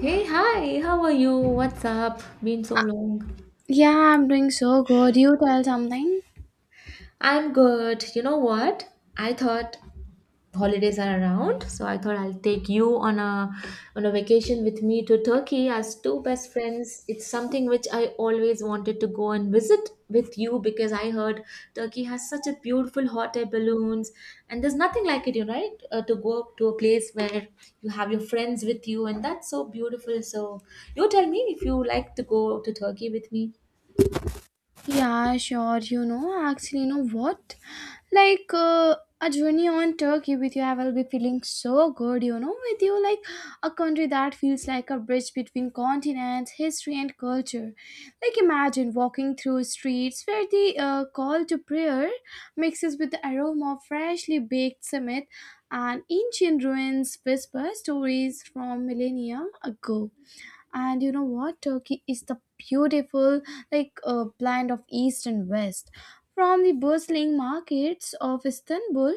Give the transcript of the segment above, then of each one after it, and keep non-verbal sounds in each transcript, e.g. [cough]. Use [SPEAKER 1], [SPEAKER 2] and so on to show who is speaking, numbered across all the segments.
[SPEAKER 1] Hey, hi, how are you? What's up? Been so long.
[SPEAKER 2] Yeah, I'm doing so good. You tell something?
[SPEAKER 1] I'm good. You know what? I thought holidays are around, so I thought I'll take you on a vacation with me to Turkey as two best friends. It's something which I always wanted to go and visit with you because I heard Turkey has such a beautiful hot air balloons and there's nothing like it, you know, right? To go to a place where you have your friends with you and that's so beautiful. So you tell me if you like to go to Turkey with me.
[SPEAKER 2] Yeah, sure. You know, actually, you know what? A journey on Turkey with you, I will be feeling so good. You know, with you, like a country that feels like a bridge between continents, history, and culture. Like imagine walking through streets where the call to prayer mixes with the aroma of freshly baked cement and ancient ruins whisper stories from millennia ago. And you know what, Turkey is the beautiful blend of east and west, from the bustling markets of Istanbul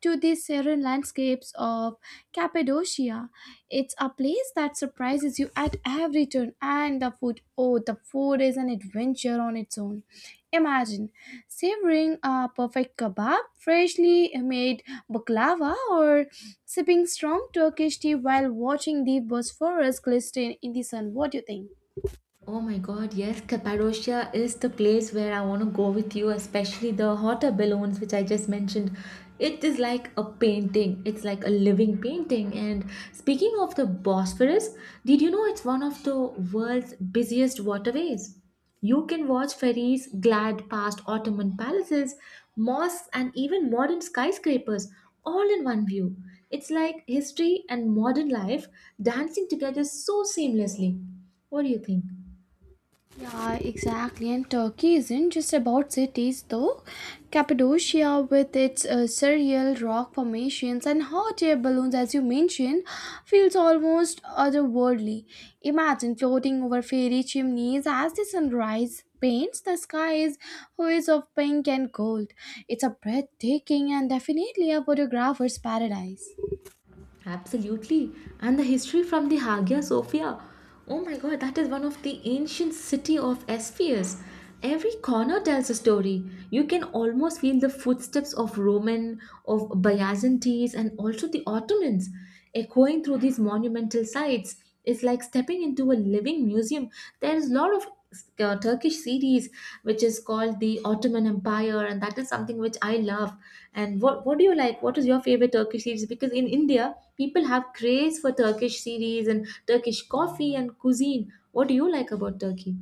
[SPEAKER 2] to the serene landscapes of Cappadocia. It's a place that surprises you at every turn, and the food, oh, the food is an adventure on its own. Imagine savoring a perfect kebab, freshly made baklava, or sipping strong Turkish tea while watching the Bosphorus glisten in the sun. What do you think?
[SPEAKER 1] Oh my God, yes, Cappadocia is the place where I want to go with you, especially the hot air balloons, which I just mentioned. It is like a painting, it's like a living painting. And speaking of the Bosphorus, did you know it's one of the world's busiest waterways? You can watch ferries glide past Ottoman palaces, mosques, and even modern skyscrapers all in one view. It's like history and modern life dancing together so seamlessly. What do you think?
[SPEAKER 2] Yeah, exactly. And Turkey isn't just about cities, though. Cappadocia, with its surreal rock formations and hot air balloons, as you mentioned, feels almost otherworldly. Imagine floating over fairy chimneys as the sunrise paints the skies hues of pink and gold. It's a breathtaking and definitely a photographer's paradise.
[SPEAKER 1] Absolutely. And the history from the Hagia Sophia. Oh my god, that is one of the ancient city of Ephesus. Every corner tells a story. You can almost feel the footsteps of Roman, of Byzantines and also the Ottomans. Echoing through these monumental sites is like stepping into a living museum. There is a lot of Turkish series which is called the Ottoman Empire, and that is something which I love. And what do you like? What is your favorite Turkish series? Because in India, people have craze for Turkish series and Turkish coffee and cuisine. What do you like about Turkey?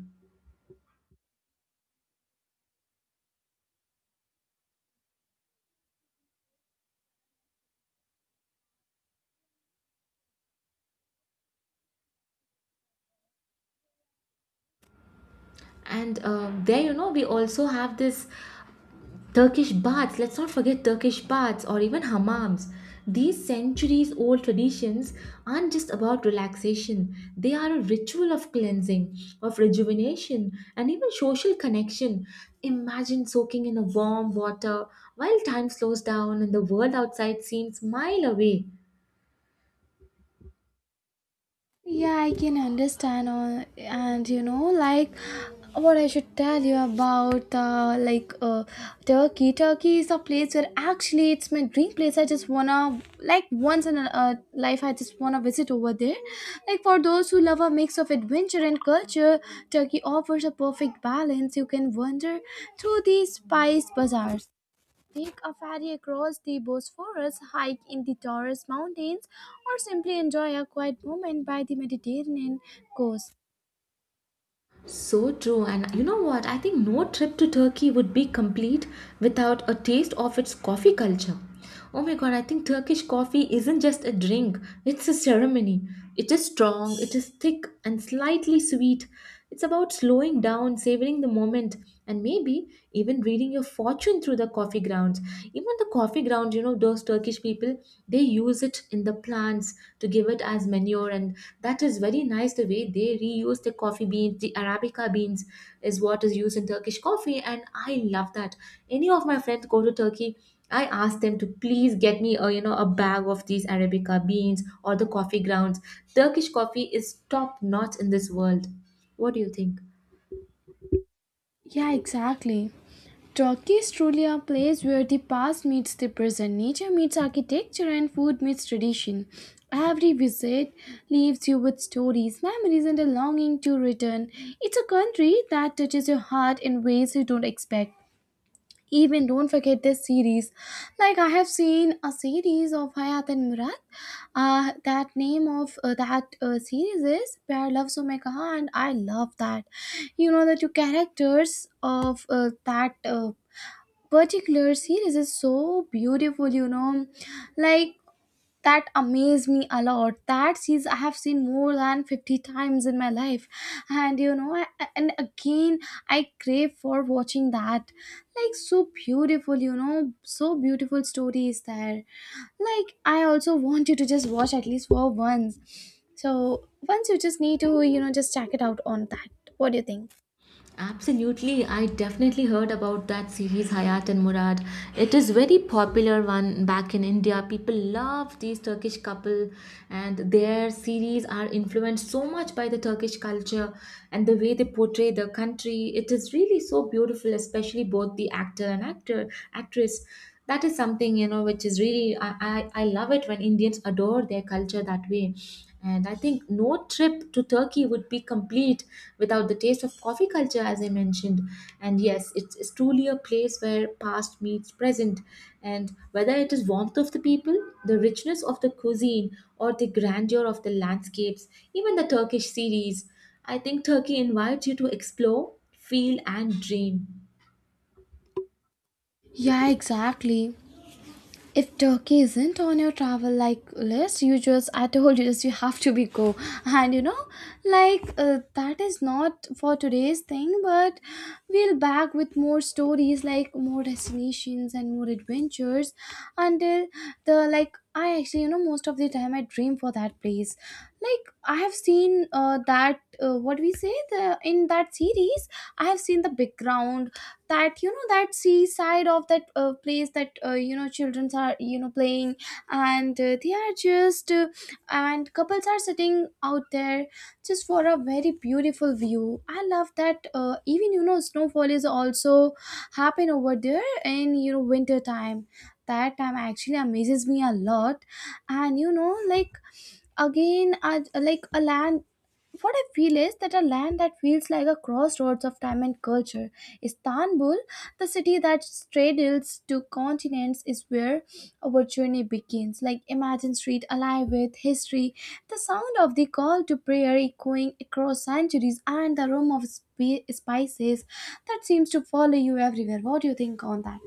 [SPEAKER 1] And there, you know, we also have this Turkish baths, let's not forget Turkish baths or even hammams. These centuries old traditions aren't just about relaxation, they are a ritual of cleansing, of rejuvenation, and even social connection. Imagine soaking in a warm water while time slows down and the world outside seems mile away.
[SPEAKER 2] Yeah, I can understand all, and you know, like what I should tell you about Turkey. Turkey is a place where actually it's my dream place. I just wanna, like, once in a life, I just wanna visit over there. Like for those who love a mix of adventure and culture, Turkey offers a perfect balance. You can wander through these spice bazaars. Take a ferry across the Bosphorus, hike in the Taurus Mountains, or simply enjoy a quiet moment by the Mediterranean coast.
[SPEAKER 1] So true. And you know what? I think no trip to Turkey would be complete without a taste of its coffee culture. Oh my god, I think Turkish coffee isn't just a drink, it's a ceremony. It is strong, it is thick, and slightly sweet. It's about slowing down, savoring the moment, and maybe even reading your fortune through the coffee grounds. Even the coffee grounds, you know, those Turkish people they use it in the plants to give it as manure and that is very nice the way they reuse the coffee beans, the arabica beans is what is used in Turkish coffee and I love that. Any of my friends go to Turkey I ask them to please get me, a you know, a bag of these arabica beans or the coffee grounds. Turkish coffee is top notch in this world. What do you think?
[SPEAKER 2] Yeah, exactly. Turkey is truly a place where the past meets the present, nature meets architecture, and food meets tradition. Every visit leaves you with stories, memories, and a longing to return. It's a country that touches your heart in ways you don't expect. Even don't forget this series. Like I have seen a series of Hayat and Murad. That name of that series is Pyar Love Somekaha, and I love that. You know, the two characters of that particular series is so beautiful. You know, like that amazed me a lot. That scenes I have seen more than 50 times in my life, and you know, and again I crave for watching that. Like so beautiful, you know, so beautiful stories there. Like I also want you to just watch at least for once. So once you just need to, you know, just check it out on that. What do you think?
[SPEAKER 1] Absolutely. I definitely heard about that series Hayat and Murad. It is very popular one back in India. People love these Turkish couple and their series are influenced so much by the Turkish culture and the way they portray the country. It is really so beautiful, especially both the actor and actor actress. That is something, you know, which is really I love it when Indians adore their culture that way. And I think no trip to Turkey would be complete without the taste of coffee culture, as I mentioned. And yes, it's truly a place where past meets present. And whether it is warmth of the people, the richness of the cuisine, or the grandeur of the landscapes, even the Turkish series, I think Turkey invites you to explore, feel, and dream.
[SPEAKER 2] Yeah, exactly. If Turkey isn't on your travel like list, you just, I told you, just you have to be go. And you know, that is not for today's thing, but we'll back with more stories, like more destinations and more adventures until the, like I actually, you know, most of the time I dream for that place. Like I have seen that what we say the in that series, I have seen the background, that you know, that seaside of that place, that you know, children are, you know, playing and they are just and couples are sitting out there just for a very beautiful view. I love that. Even you know, snowfall is also happen over there in, you know, winter time. That time actually amazes me a lot. And you know, like again like a land, what I feel is that a land that feels like a crossroads of time and culture. Istanbul, the city that straddles two continents, is where our journey begins. Like imagine street alive with history, the sound of the call to prayer echoing across centuries, and the room of spices that seems to follow you everywhere. What do you think on that?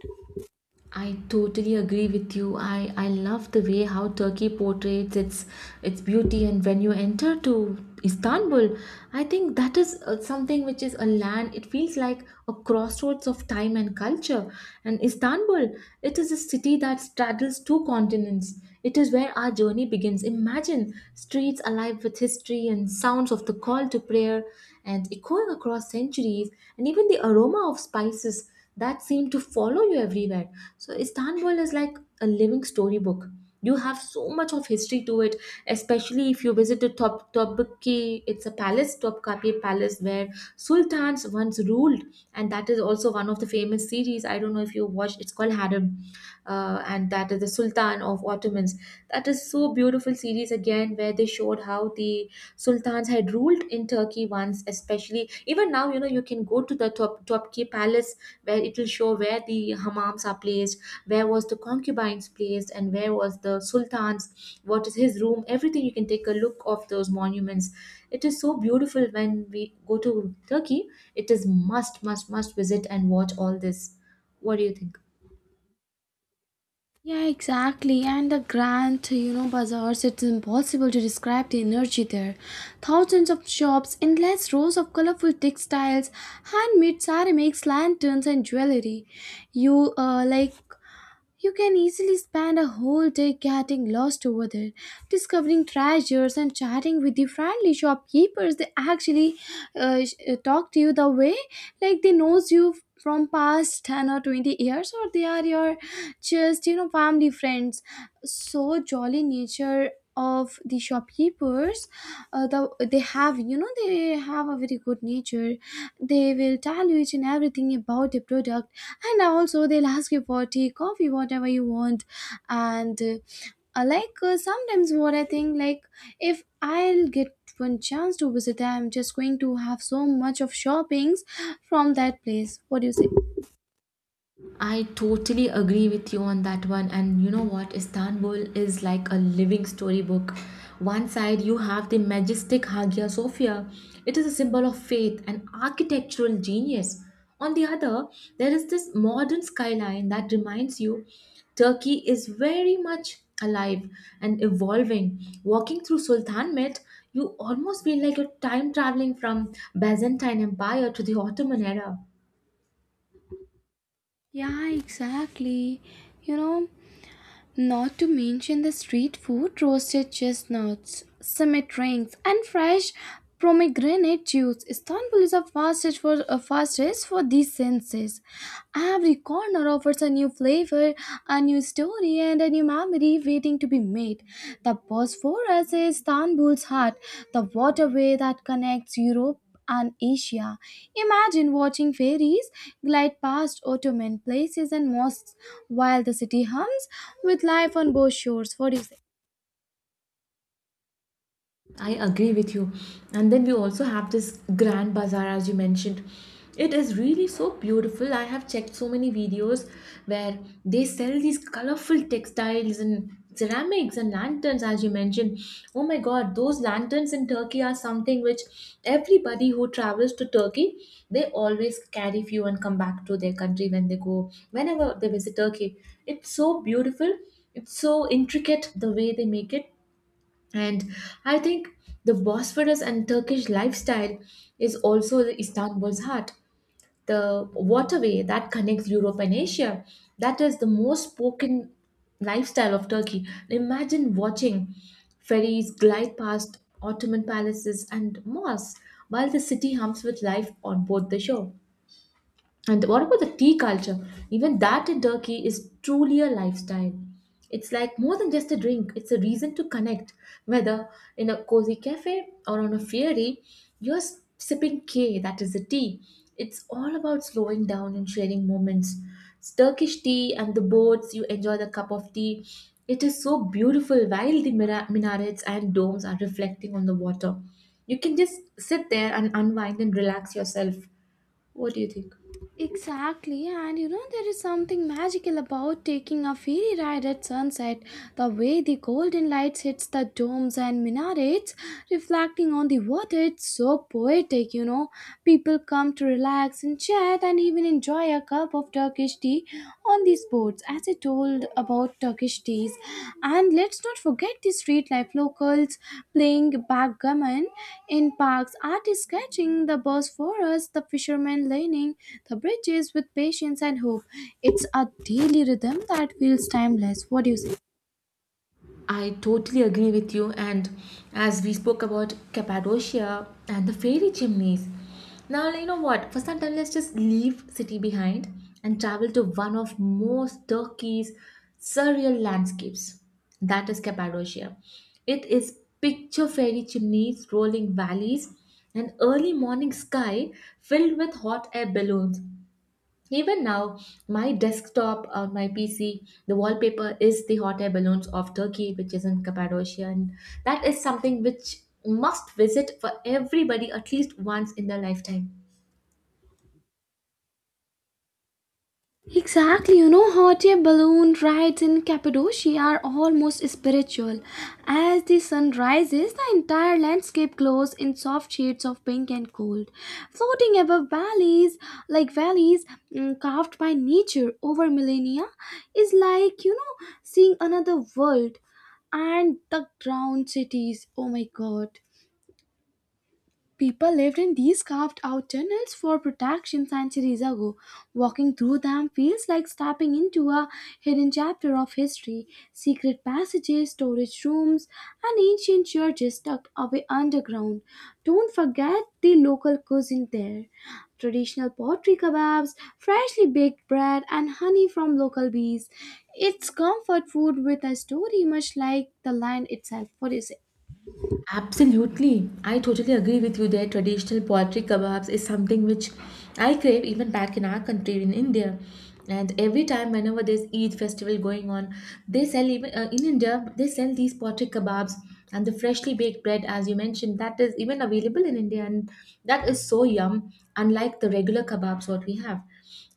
[SPEAKER 1] I totally agree with you. I love the way how Turkey portrays its beauty and when you enter to Istanbul, I think that is something which is a land, it feels like a crossroads of time and culture. And Istanbul, it is a city that straddles two continents. It is where our journey begins. Imagine streets alive with history and sounds of the call to prayer and echoing across centuries and even the aroma of spices that seem to follow you everywhere. So Istanbul is like a living storybook. You have so much of history to it, especially if you visit the Topkapi. It's a palace, Topkapi Palace, where sultans once ruled, and that is also one of the famous series. I don't know if you watched. It's called Harem, and that is the Sultan of Ottomans. That is so beautiful series again, where they showed how the sultans had ruled in Turkey once, especially even now, you know, you can go to the Top Topki Palace where it will show where the hammams are placed, where was the concubines placed, and where was the sultan's, what is his room, everything you can take a look of those monuments. It is so beautiful when we go to Turkey. It is must visit and watch all this. What do you think?
[SPEAKER 2] Yeah, exactly. And the grand, you know, bazaars, it's impossible to describe the energy there. Thousands of shops, endless rows of colorful textiles, handmade ceramics, lanterns, and jewelry. You, uh, like, you can easily spend a whole day getting lost over there, discovering treasures and chatting with the friendly shopkeepers. They actually talk to you the way like they knows you from past 10 or 20 years, or they are your just you know family friends. So jolly nature of the shopkeepers, they have, you know, they have a very good nature. They will tell you each and everything about the product, and also they'll ask you for tea, coffee, whatever you want. And sometimes what I think, like, if I'll get one chance to visit, I'm just going to have so much of shoppings from that place. What do you say?
[SPEAKER 1] I totally agree with you on that one. And you know what? Istanbul is like a living storybook. One side, you have the majestic Hagia Sophia, it is a symbol of faith and architectural genius. On the other, there is this modern skyline that reminds you Turkey is very much alive and evolving. Walking through Sultanahmet, you almost feel like you're time traveling from Byzantine Empire to the Ottoman era.
[SPEAKER 2] Yeah, exactly. You know, not to mention the street food, roasted chestnuts, summit rings, and fresh pomegranate juice. Istanbul is a fastest for these senses. Every corner offers a new flavor, a new story, and a new memory waiting to be made. The Bosphorus is Istanbul's heart, the waterway that connects Europe and Asia. Imagine watching fairies glide past Ottoman places and mosques while the city hums with life on both shores. What do you say?
[SPEAKER 1] I agree with you. And then we also have this grand bazaar, as you mentioned. It is really so beautiful. I have checked so many videos where they sell these colorful textiles and ceramics and lanterns, as you mentioned. Oh my god, those lanterns in Turkey are something which everybody who travels to Turkey they always carry few and come back to their country when they go, whenever they visit Turkey. It's so beautiful, it's so intricate the way they make it and I think the Bosphorus and Turkish lifestyle is also the Istanbul's heart, the waterway that connects Europe and Asia. That is the most spoken lifestyle of Turkey. Imagine watching ferries glide past Ottoman palaces and mosques while the city hums with life on board the shore. And what about the tea culture? Even that in Turkey is truly a lifestyle. It's like more than just a drink, it's a reason to connect. Whether in a cozy cafe or on a ferry, you're sipping K, that is the tea. It's all about slowing down and sharing moments. It's Turkish tea and the boats, you enjoy the cup of tea. It is so beautiful while the minarets and domes are reflecting on the water. You can just sit there and unwind and relax yourself. What do you think?
[SPEAKER 2] Exactly, and you know, there is something magical about taking a ferry ride at sunset. The way the golden lights hits the domes and minarets, reflecting on the water, it's so poetic, you know. People come to relax and chat and even enjoy a cup of Turkish tea on the sports, as I told about Turkish teas. And let's not forget the street life, locals playing backgammon in parks, artists sketching the birds for us, the fishermen lining the bridges with patience and hope. It's a daily rhythm that feels timeless. What do you say?
[SPEAKER 1] I totally agree with you. And as we spoke about Cappadocia and the fairy chimneys, now you know what? For some time, let's just leave city behind and travel to one of most Turkey's surreal landscapes. That is Cappadocia. It is picture fairy chimneys, rolling valleys, and early morning sky filled with hot air balloons. Even now, my desktop or my PC, the wallpaper is the hot air balloons of Turkey, which is in Cappadocia. And that is something which must visit for everybody at least once in their lifetime.
[SPEAKER 2] Exactly, you know, hot air balloon rides in Cappadocia are almost spiritual. As the sun rises, the entire landscape glows in soft shades of pink and gold, floating above valleys, carved by nature over millennia. Is like, you know, seeing another world. And the drowned cities, oh my god. People lived in these carved out tunnels for protection centuries ago. Walking through them feels like stepping into a hidden chapter of history. Secret passages, storage rooms, and ancient churches tucked away underground. Don't forget the local cuisine there, traditional pottery kebabs, freshly baked bread, and honey from local bees. It's comfort food with a story, much like the land itself. What do you say?
[SPEAKER 1] Absolutely. I totally agree with you there. Traditional poultry kebabs is something which I crave even back in our country, in India. And every time, whenever there's Eid festival going on, they sell even in India, they sell these poultry kebabs and the freshly baked bread, as you mentioned, that is even available in India. And that is so yum, unlike the regular kebabs what we have.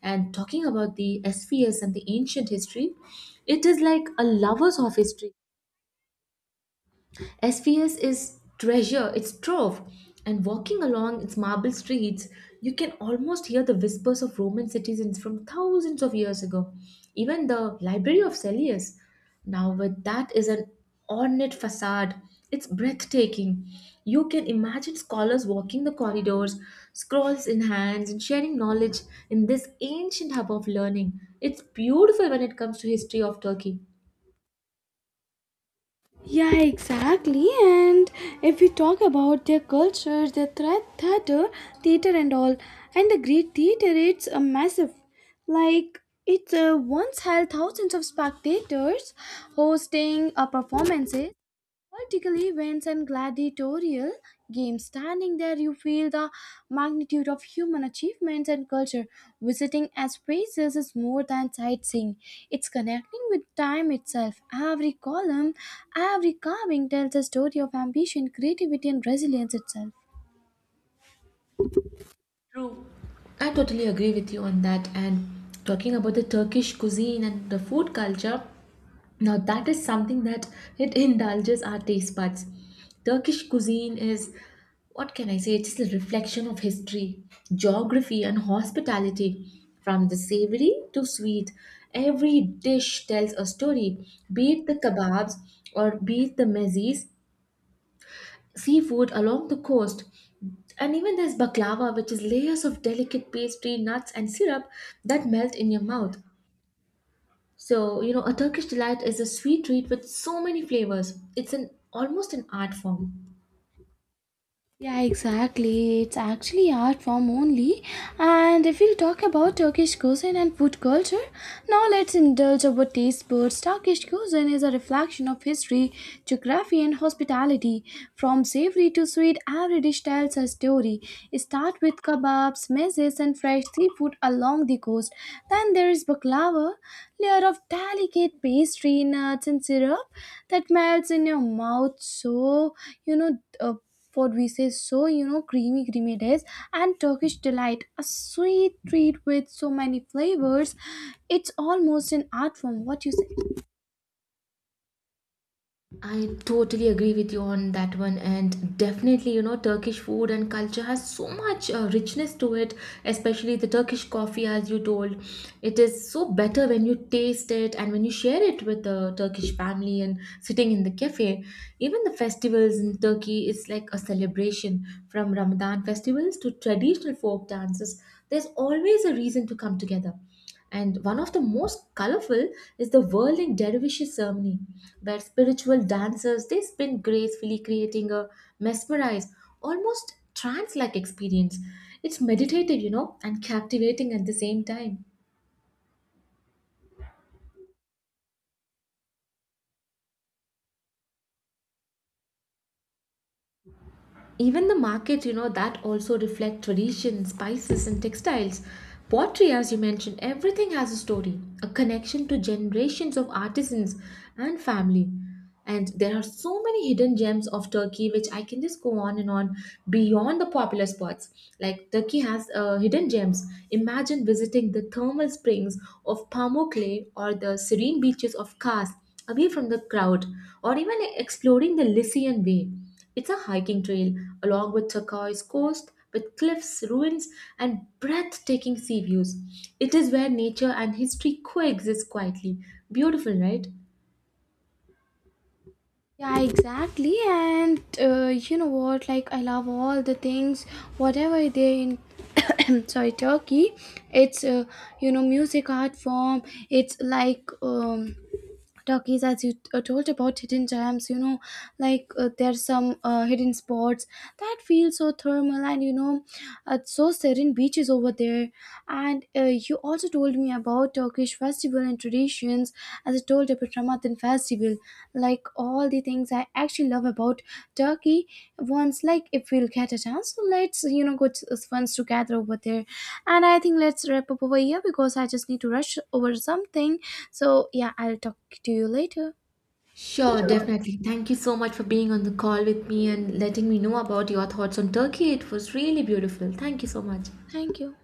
[SPEAKER 1] And talking about the SVS and the ancient history, it is like a lover's of history, SVS is treasure, it's trove. And walking along its marble streets, you can almost hear the whispers of Roman citizens from thousands of years ago. Even the Library of Cellius, now with that is an ornate facade. It's breathtaking. You can imagine scholars walking the corridors, scrolls in hands, and sharing knowledge in this ancient hub of learning. It's beautiful when it comes to history of Turkey.
[SPEAKER 2] Yeah, exactly. And if we talk about their culture, their theater and all, and the great theater, it's a massive. Like it once held thousands of spectators, hosting a performances, political events, and gladiatorial games. Standing there, you feel the magnitude of human achievements and culture. Visiting as places is more than sightseeing, it's connecting with time itself. Every column, every carving tells a story of ambition, creativity, and resilience itself.
[SPEAKER 1] True. I totally agree with you on that. And talking about the Turkish cuisine and the food culture, now that is something that it [laughs] indulges our taste buds. Turkish cuisine is, what can I say? It's a reflection of history, geography, and hospitality. From the savory to sweet, every dish tells a story, be it the kebabs or be it the mezes seafood along the coast. And even there's baklava, which is layers of delicate pastry, nuts, and syrup that melt in your mouth. So, you know, a Turkish delight is a sweet treat with so many flavors. It's an almost an art form.
[SPEAKER 2] Yeah, exactly. It's actually art form only. And if we'll talk about Turkish cuisine and food culture, now let's indulge our taste buds. Turkish cuisine is a reflection of history, geography, and hospitality. From savory to sweet, every dish tells a story. Start with kebabs, mezes, and fresh seafood along the coast. Then there is baklava, layer of delicate pastry, nuts, and syrup that melts in your mouth. So you know, what we say, so you know, creamy dish, and Turkish delight, a sweet treat with so many flavors. It's almost an art form. What you say?
[SPEAKER 1] I totally agree with you on that one, and definitely, you know, Turkish food and culture has so much richness to it, especially the Turkish coffee, as you told. It is so better when you taste it and when you share it with the Turkish family and sitting in the cafe. Even the festivals in Turkey is like a celebration from Ramadan festivals to traditional folk dances. There's always a reason to come together. And one of the most colorful is the whirling dervishes ceremony, where spiritual dancers they spin gracefully, creating a mesmerized, almost trance-like experience. It's meditative, you know, and captivating at the same time. Even the market, you know, that also reflect tradition, spices and textiles. Pottery, as you mentioned, everything has a story, a connection to generations of artisans and family. And there are so many hidden gems of Turkey, which I can just go on and on beyond the popular spots. Like Turkey has hidden gems. Imagine visiting the thermal springs of Pamukkale or the serene beaches of Kars, away from the crowd, or even exploring the Lycian Way. It's a hiking trail along with turquoise coast with cliffs, ruins, and breathtaking sea views. It is where nature and history coexist quietly. Beautiful, right?
[SPEAKER 2] Yeah, exactly. And you know what, like I love all the things whatever they in [clears throat] sorry Turkey. It's You know, music, art form. It's like Turkeys, as you told about hidden gems, you know, there's some hidden spots that feel so thermal, and you know, so serene beaches over there. And you also told me about Turkish festival and traditions, as I told about Ramadan festival. Like all the things I actually love about Turkey. Once, like if we'll get a chance, so let's, you know, go to once together over there. And I think let's wrap up over here because I just need to rush over something. So, yeah, I'll talk to you later.
[SPEAKER 1] Sure,
[SPEAKER 2] Sure.
[SPEAKER 1] definitely. Thank you so much for being on the call with me and letting me know about your thoughts on Turkey. It was really beautiful. Thank you so much.
[SPEAKER 2] Thank you.